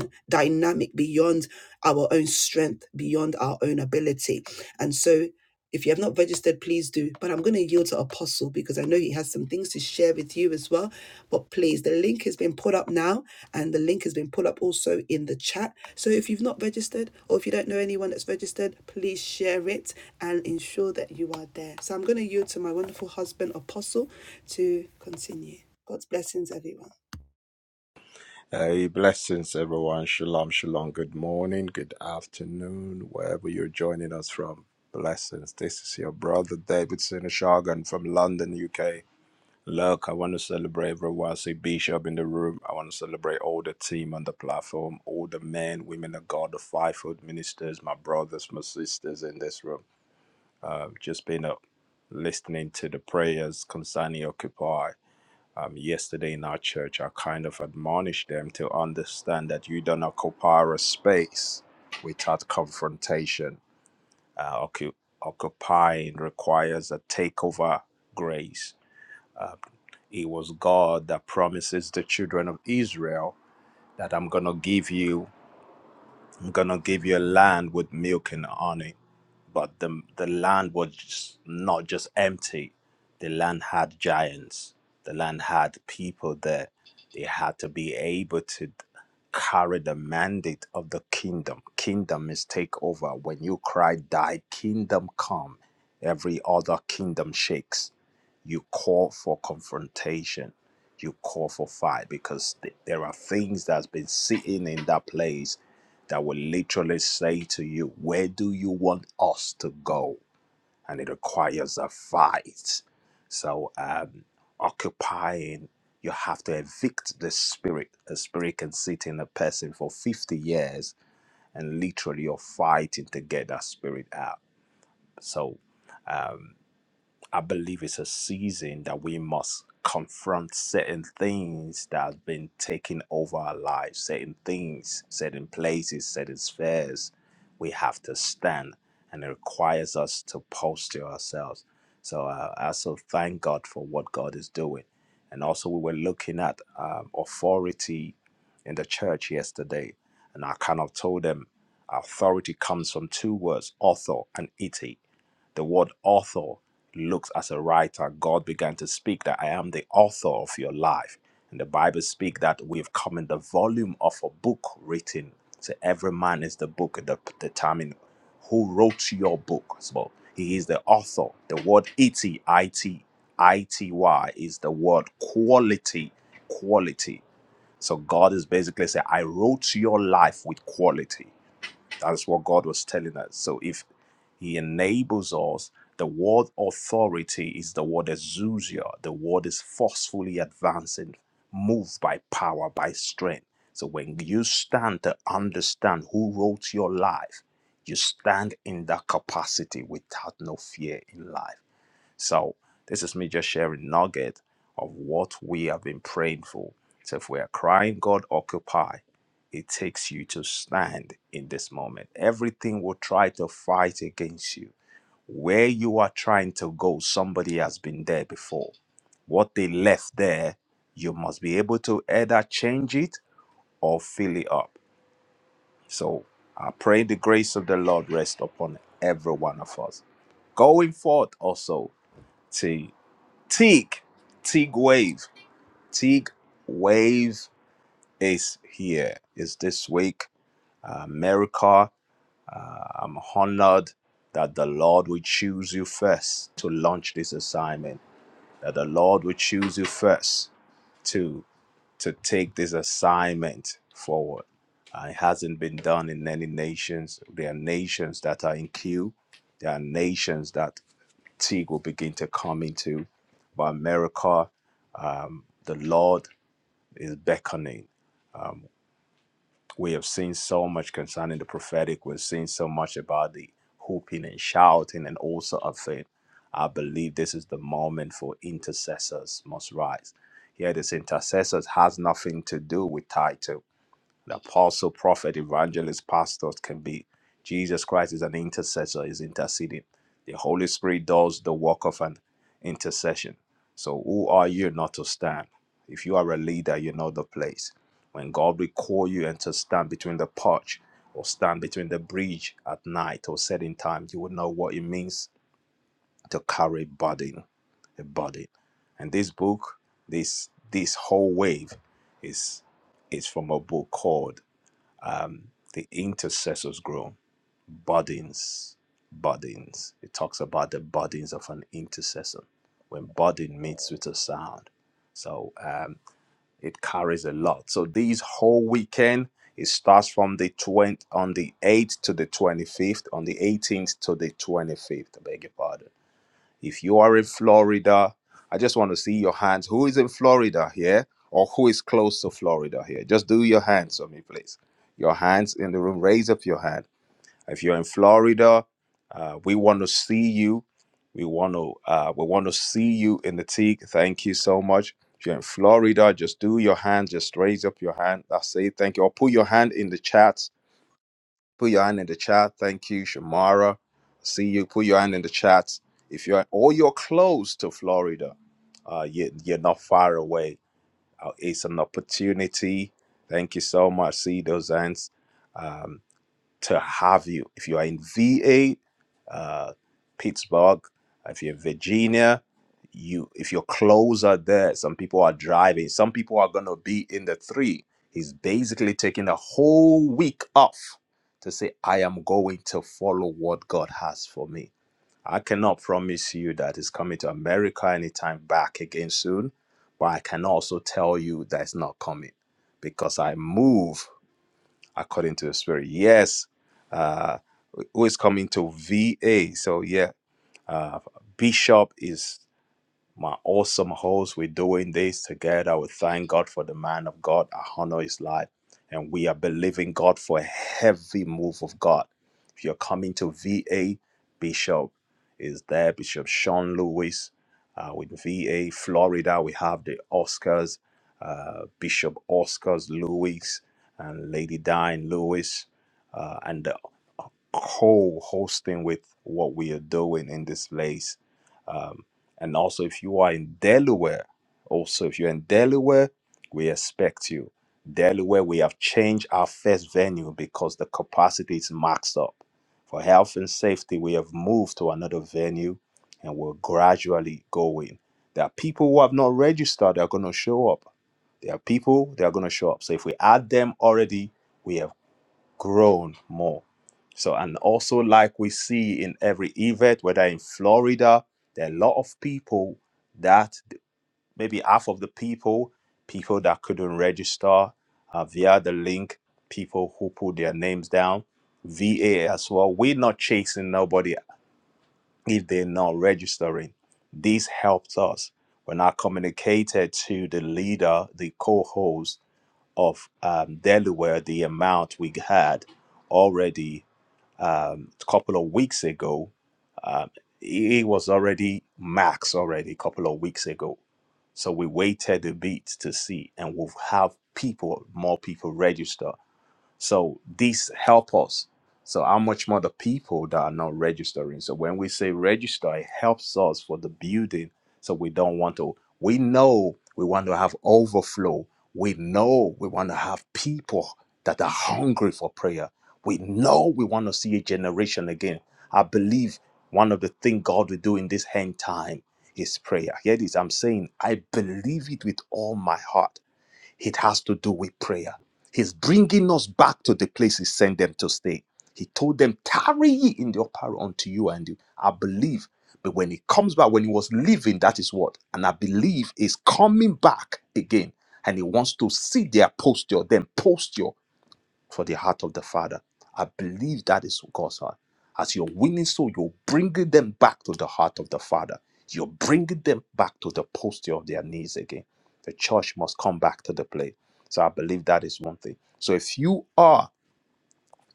Speaker 1: *laughs* dynamic beyond our own strength, beyond our own ability. And so, if you have not registered, please do. But I'm going to yield to Apostle because I know he has some things to share with you as well. But please, the link has been put up now, and the link has been put up also in the chat. So if you've not registered, or if you don't know anyone that's registered, please share it and ensure that you are there. So I'm going to yield to my wonderful husband, Apostle, to continue. God's blessings, everyone.
Speaker 4: Hey, blessings, everyone. Shalom, shalom. Good morning, good afternoon, wherever you're joining us from. Blessings. This is your brother David Sinishagan from London, UK. Look, I want to celebrate everyone. I see Bishop in the room. I want to celebrate all the team on the platform, all the men, women of God, the fivefold ministers, my brothers, my sisters in this room. I've just been up listening to the prayers concerning Occupy um, yesterday in our church, I kind of admonished them to understand that you don't occupy a space without confrontation. Uh, occu- occupying requires a takeover grace. Uh, it was God that promises the children of Israel that I'm gonna give you, I'm gonna give you a land with milk and honey but the the land was just not just empty. The land had giants. The land had people there. They had to be able to carry the mandate of the kingdom. Kingdom is take over. When you cry, "Thy kingdom come," every other kingdom shakes. You call for confrontation. You call for fight because th- there are things that's been sitting in that place that will literally say to you, Where do you want us to go? And it requires a fight. So, um, occupying, you have to evict the spirit. A spirit can sit in a person for 50 years and literally you're fighting to get that spirit out. So, um, I believe it's a season that we must confront certain things that have been taking over our lives, certain things, certain places, certain spheres. We have to stand, and it requires us to posture ourselves. So uh, I also thank God for what God is doing. And also, we were looking at um, authority in the church yesterday, and I kind of told them authority comes from two words, author and ite. The word author looks as a writer. God began to speak that I am the author of your life. And the Bible speak that we've come in the volume of a book written. So every man is the book and the determine who wrote your book. So he is the author. The word ity, it, ity is the word quality, quality. So God is basically saying, I wrote your life with quality. That's what God was telling us. So if He enables us, the word authority is the word exousia. The word is forcefully advancing, moved by power, by strength. So when you stand to understand who wrote your life, you stand in that capacity without no fear in life. So this is me just sharing nugget of what we have been praying for. So if we are crying, God occupy, it takes you to stand in this moment. Everything will try to fight against you. Where you are trying to go, somebody has been there before. What they left there, you must be able to either change it or fill it up. So I pray the grace of the Lord rest upon every one of us going forth also. see, Teague, Teague Wave, Teague Wave is here. Is this week, uh, America? Uh, I'm honored that the Lord will choose you first to launch this assignment. That the Lord will choose you first to to take this assignment forward. Uh, it hasn't been done in many nations. There are nations that are in queue. There are nations that fatigue will begin to come into. But America, um, the Lord is beckoning. We have seen so much concerning the prophetic. We've seen so much about the whooping and shouting and all sort of thing. I believe this is the moment for intercessors must rise. Here, this intercessors has nothing to do with title the apostle, prophet, evangelist, pastors can be. Jesus Christ is an intercessor, is interceding. The Holy Spirit does the work of an intercession. So who are you not to stand? If you are a leader, you know the place. When God will call you and to stand between the porch or stand between the bridge at night or certain time, you will know what it means to carry burden, a burden. And this book, this this whole wave is is from a book called um, the intercessors grow burdens burdens it talks about the burdens of an intercessor when burden meets with a sound so um, it carries a lot so these whole weekend it starts from the 20 on the 8th to the 25th on the 18th to the 25th I beg your pardon if you are in Florida, I just want to see your hands. Who is in Florida here or who is close to Florida here? Just do your hands for me, please. Your hands in the room, raise up your hand. If you're in Florida, uh, we want to see you. We want to uh, we want to see you in the teak. Thank you so much. If you're in Florida, just do your hand, just raise up your hand. That's it. Thank you. Or put your hand in the chat Put your hand in the chat. Thank you, Shamara. See you. Put your hand in the chat. If you're or you're close to Florida, uh, you, you're not far away. Uh, it's an opportunity. Thank you so much. See those hands. Um, to have you. If you are in VA, uh, Pittsburgh, if you're in Virginia, you if your clothes are there, some people are driving, some people are gonna be in the three. He's basically taking a whole week off to say, I am going to follow what God has for me. I cannot promise you that he's coming to America anytime back again soon, but I can also tell you that it's not coming because I move according to the Spirit. Yes, uh, who is coming to VA? So yeah, Bishop is my awesome host. We're doing this together. We thank God for the man of God. I honor his life. And we are believing God for a heavy move of God. If you're coming to VA, Bishop is there, Bishop Sean Lewis uh, with VA, Florida. We have the Oscars, uh, Bishop Oscars Lewis and Lady Diane Lewis, uh, and the co hosting with what we are doing in this place. And also, if you are in Delaware, also, if you're in Delaware, we expect you. Delaware, we have changed our first venue because the capacity is maxed up. For health and safety, we have moved to another venue and we're gradually going. There are people who have not registered, they're going to show up. There are people, they're going to show up. So if we add them already, we have grown more. So, and also, like we see in every event, whether in Florida, there are a lot of people that maybe half of the people, people that couldn't register uh, via the link, people who put their names down, VA as well. We're not chasing nobody if they're not registering. This helped us when I communicated to the leader, the co host of um, Delaware, the amount we had already um, a couple of weeks ago. Um, it was already max already a couple of weeks ago. So we waited a bit to see, and we'll have people, more people register. So this help us. So how much more the people that are not registering. So when we say register, it helps us for the building. So we don't want to. We know we want to have overflow. We know we want to have people that are hungry for prayer. We know we want to see a generation again. I believe one of the things God will do in this end time is prayer. Here it is. I'm saying I believe it with all my heart. It has to do with prayer. He's bringing us back to the place he sent them to stay. He told them, Tarry ye in the upper room unto you and you. I believe. But when he comes back, when he was leaving, that is what. And I believe is coming back again. And he wants to see their posture, then posture for the heart of the Father. I believe that is God's heart. As you're winning soul, you're bringing them back to the heart of the Father. You're bringing them back to the posture of their knees again. The church must come back to the play. So I believe that is one thing. So if you are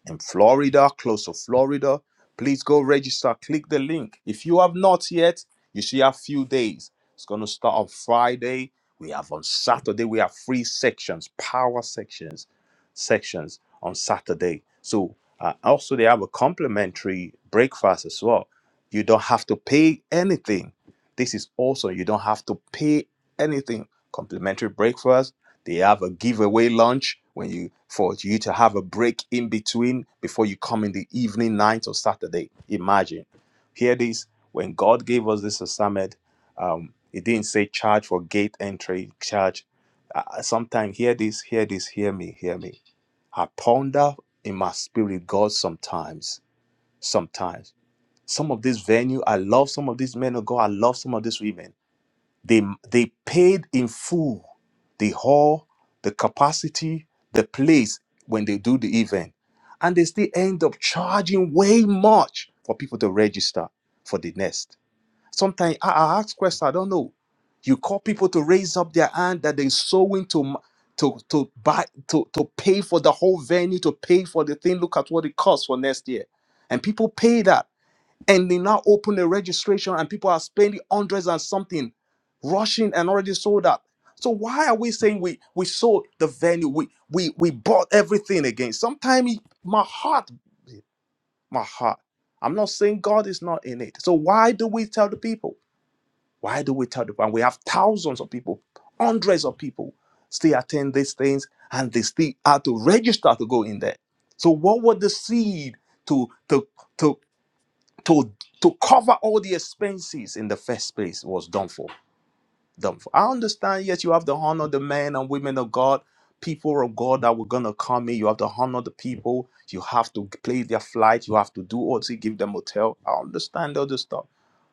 Speaker 4: in Florida, close to Florida, please go register. Click the link. If you have not yet, you should have few days. It's going to start on Friday. We have on Saturday, we have free sections, power sections, sections on Saturday. So uh, also they have a complimentary breakfast as well. You don't have to pay anything. This is also you don't have to pay anything. Complimentary breakfast. They have a giveaway lunch when you for you to have a break in between before you come in the evening night or Saturday. Imagine. Hear this. When God gave us this assignment, um, it didn't say charge for gate entry, charge. Uh, Sometimes hear this, hear this, hear me, hear me. I ponder in my spirit, God, sometimes, sometimes. Some of this venue, I love some of these men of God, I love some of these women they, they paid in full the hall, the capacity, the place when they do the event. And they still end up charging way much for people to register for the nest. Sometimes I, I ask questions, I don't know. You call people to raise up their hand that they're sowing to, m- to, to buy to, to pay for the whole venue, to pay for the thing. Look at what it costs for next year. And people pay that. And they now open the registration and people are spending hundreds and something, rushing and already sold out. So why are we saying we we sold the venue, we we we bought everything again? Sometimes my heart, my heart. I'm not saying God is not in it. So why do we tell the people? Why do we tell the people? And we have thousands of people, hundreds of people still attend these things and they still have to register to go in there. So what would the seed to to to to to cover all the expenses in the first place was done for done for i understand yes you have to honor the men and women of god people of god that were gonna come in you have to honor the people you have to play their flight you have to do all to give them hotel i understand all this stuff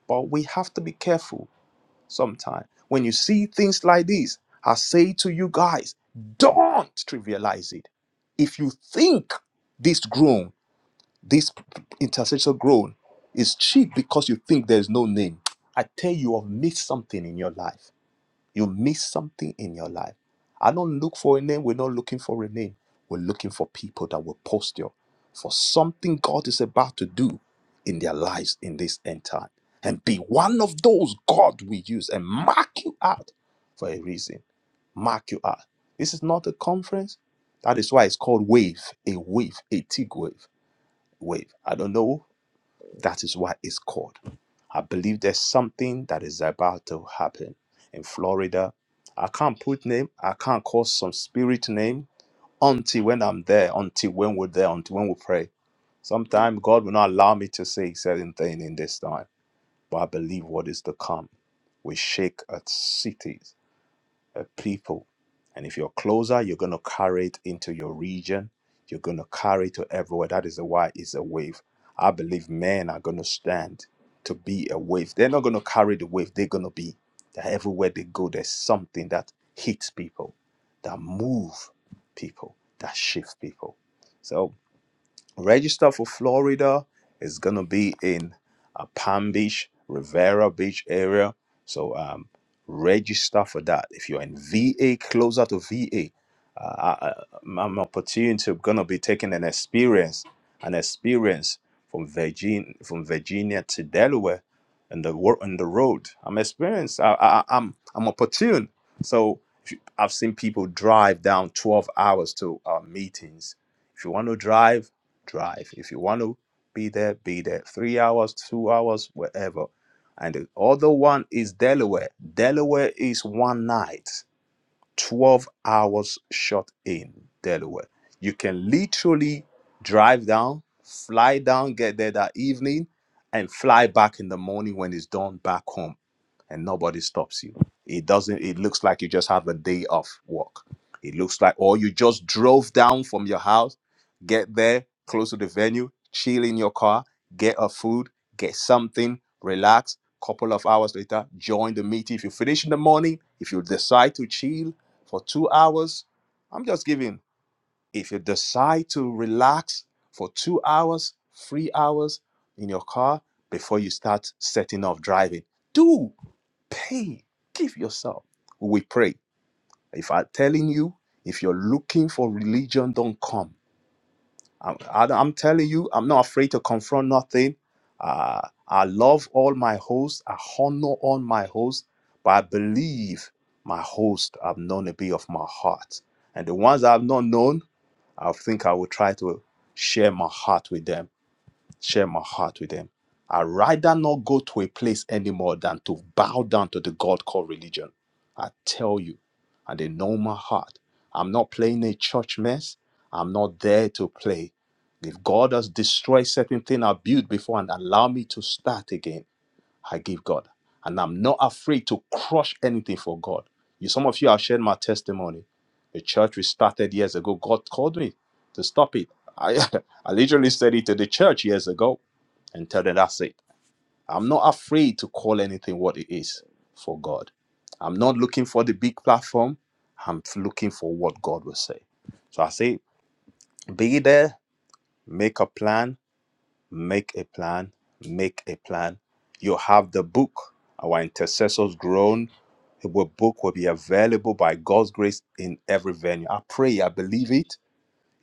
Speaker 4: but we have to be careful sometimes when you see things like this i say to you guys don't trivialize it if you think this groom this intercessor groan is cheap because you think there's no name. I tell you, you have missed something in your life. You missed something in your life. I don't look for a name. We're not looking for a name. We're looking for people that will posture for something God is about to do in their lives in this end time. And be one of those God will use and mark you out for a reason. Mark you out. This is not a conference. That is why it's called wave, a wave, a TIG wave. Wave. I don't know. That is what it's called. I believe there's something that is about to happen in Florida. I can't put name, I can't call some spirit name until when I'm there, until when we're there, until when we pray. Sometimes God will not allow me to say certain thing in this time, but I believe what is to come will shake at cities uh, people. And if you're closer, you're going to carry it into your region. You're going to carry it to everywhere. That is why it's a wave. I believe men are going to stand to be a wave. They're not going to carry the wave. They're going to be that everywhere they go, there's something that hits people, that move people, that shift people. So register for Florida. It's gonna be in uh, Palm Beach, Rivera Beach area. So um, register for that. If you're in VA, closer to VA, uh, I, I- I'm opportunity to gonna be taking an experience, an experience from Virgin from Virginia to Delaware, and the work on the road. I'm experienced. I, I, I'm I'm opportune. So if you- I've seen people drive down 12 hours to uh, meetings. If you want to drive drive. If you want to be there, be there. Three hours, two hours, wherever. And the other one is Delaware. Delaware is one night, 12 hours shot in Delaware. You can literally drive down, fly down, get there that evening, and fly back in the morning when it's done back home and nobody stops you. It doesn't, it looks like you just have a day off work. It looks like, or you just drove down from your house, get there, close to the venue, chill in your car, get a food, get something, relax. Couple of hours later, join the meeting. If you finish in the morning, if you decide to chill for two hours, I'm just giving. If you decide to relax for two hours, three hours in your car before you start setting off driving, do pay, give yourself. We pray. If I'm telling you, if you're looking for religion, don't come. I'm, I- I'm telling you, I'm not afraid to confront nothing. Uh, I love all my hosts. I honor all my hosts, but I believe my host I've known a bit of my heart. And the ones I've not known, I think I will try to share my heart with them share my heart with them. I'd rather not go to a place anymore than to bow down to the God called religion. I tell you, and they know my heart. I'm not playing a church mess. I'm not there to play. If God has destroyed certain thing I built before and allow me to start again, I give God. And I'm not afraid to crush anything for God. You, some of you have shared my testimony. The church we started years ago, God called me to stop it. I, *laughs* I literally said it to the church years ago and tell them that's it. I'm not afraid to call anything what it is for God. I'm not looking for the big platform. I'm looking for what God will say. So I say, be there, make a plan, make a plan, make a plan. You have the book, our intercessors groan. The book will be available by God's grace in every venue. I pray, I believe it.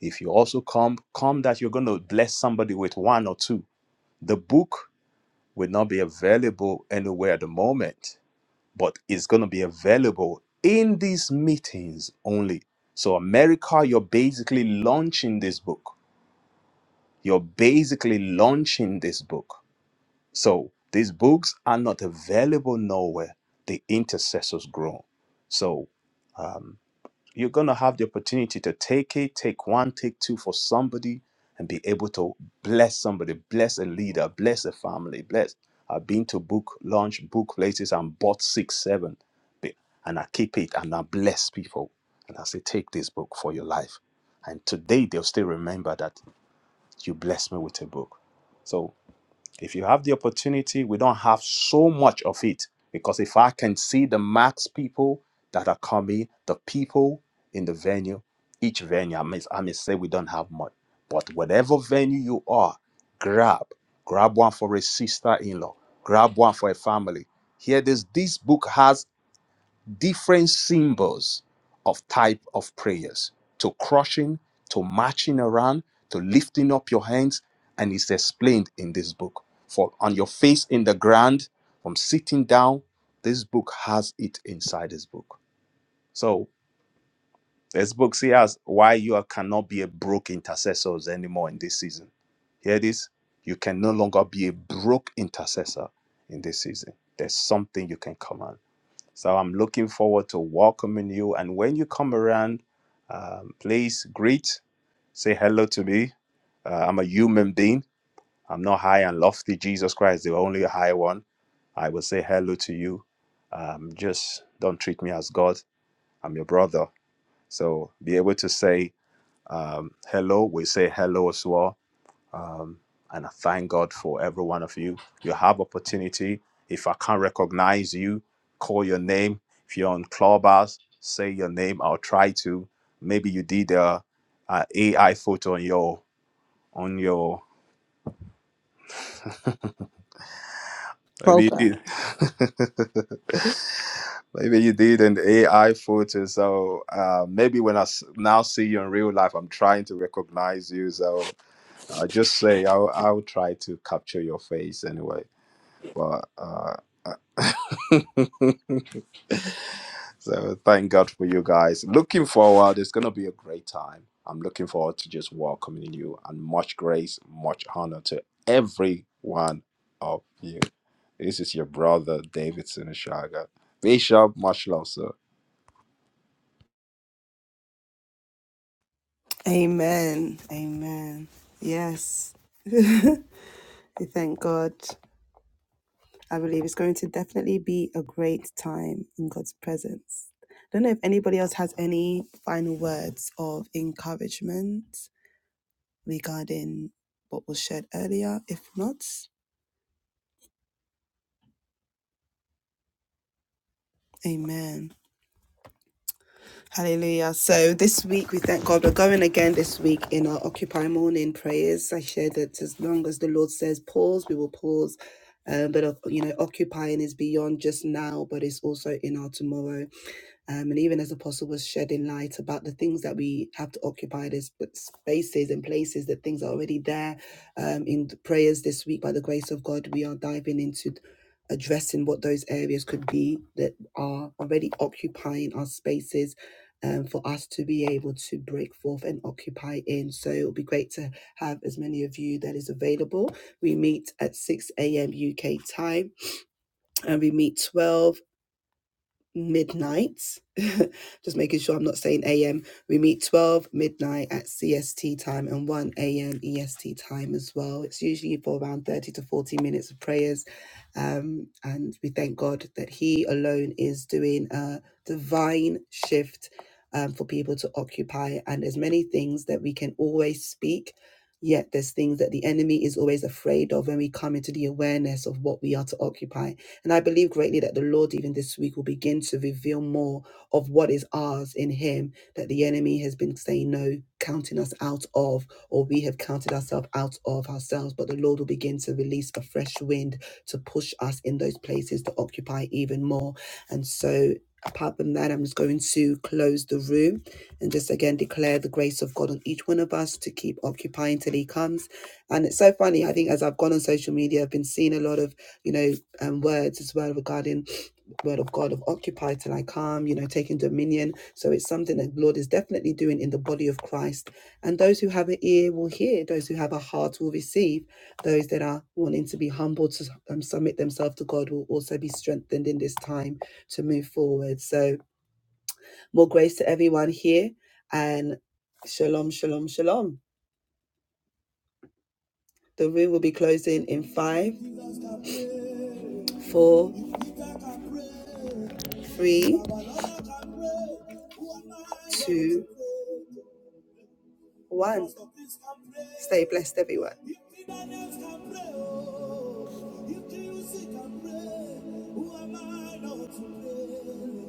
Speaker 4: If you also come, come that you're going to bless somebody with one or two. The book will not be available anywhere at the moment, but it's going to be available in these meetings only. So, America, you're basically launching this book. You're basically launching this book. So, these books are not available nowhere. The intercessors grow. So, um, you're going to have the opportunity to take it, take one, take two for somebody and be able to bless somebody, bless a leader, bless a family, bless. I've been to book launch book places and bought six, seven, be- and I keep it and I bless people. And I say, take this book for your life. And today they'll still remember that you blessed me with a book. so. If you have the opportunity, we don't have so much of it because if I can see the max people that are coming, the people in the venue, each venue, I may, I may say we don't have much, but whatever venue you are, grab. Grab one for a sister in law, grab one for a family. Here, this, this book has different symbols of type of prayers to crushing to marching around to lifting up your hands and it's explained in this book for on your face in the ground from sitting down this book has it inside this book so this book says why you are- cannot be a broke intercessors anymore in this season hear this you can no longer be a broke intercessor in this season there's something you can command so I'm looking forward to welcoming you. And when you come around, um, please greet, say hello to me. Uh, I'm a human being. I'm not high and lofty. Jesus Christ, the only high one. I will say hello to you. Um, just don't treat me as God. I'm your brother. So be able to say um, hello. We say hello as well um, and I thank God for every one of you. You have opportunity. If I can't recognize you, call your name. If you're on Clubhouse, say your name. I'll try to. Maybe you did uh, a, AI photo on your on your. Maybe you
Speaker 2: Profile.
Speaker 4: did. *laughs* maybe you did an AI photo. So uh, maybe when I s- now see you in real life, I'm trying to recognize you. So I just say I'll I'll try to capture your face anyway. But. Uh, *laughs* so thank God for you guys. Looking forward, it's going to be a great time. I'm looking forward to just welcoming you and much grace, much honor to every one of you. This is your brother David Sinishaga. Bishop, much love, sir.
Speaker 1: Amen. Amen. Yes. *laughs* we thank God. I believe it's going to definitely be a great time in God's presence. don't know if anybody else has any final words of encouragement regarding what was shared earlier. If not, amen. Hallelujah. So this week we thank God. We're going again this week in our Occupy morning prayers. I shared that as long as the Lord says pause, we will pause. Um, but uh, you know, occupying is beyond just now, but it's also in our tomorrow. Um, and even as Apostle was shedding light about the things that we have to occupy, there's spaces and places that things are already there. Um, in the prayers this week, by the grace of God, we are diving into addressing what those areas could be that are already occupying our spaces um, for us to be able to break forth and occupy in. So it'll be great to have as many of you that is available. We meet at 6 a.m. UK time and we meet 12 midnight. *laughs* Just making sure I'm not saying AM. We meet 12 midnight at CST time and 1 AM EST time as well. It's usually for around 30 to 40 minutes of prayers. Um, and we thank God that He alone is doing a divine shift um, for people to occupy. And there's many things that we can always speak. Yet there's things that the enemy is always afraid of when we come into the awareness of what we are to occupy and I believe greatly that the Lord, even this week, will begin to reveal more of what is ours in Him that the enemy has been saying no, counting us out of, or we have counted ourselves out of ourselves. But the Lord will begin to release a fresh wind to push us in those places to occupy even more. And so, apart from that, I'm just going to close the room and just again declare the grace of God on each one of us to keep occupying till He comes. And it's so funny. I think as I've gone on social media, I've been seeing a lot of, you know, um, words as well regarding word of God of occupy till I come, you know, taking dominion. So it's something that the Lord is definitely doing in the body of Christ. And those who have an ear will hear, those who have a heart will receive, those that are wanting to be humble to um, submit themselves to God will also be strengthened in this time to move forward. So more grace to everyone here and shalom, shalom, shalom. The room will be closing in five, four, three, two, one. Stay blessed, everyone. Who am I not to blame?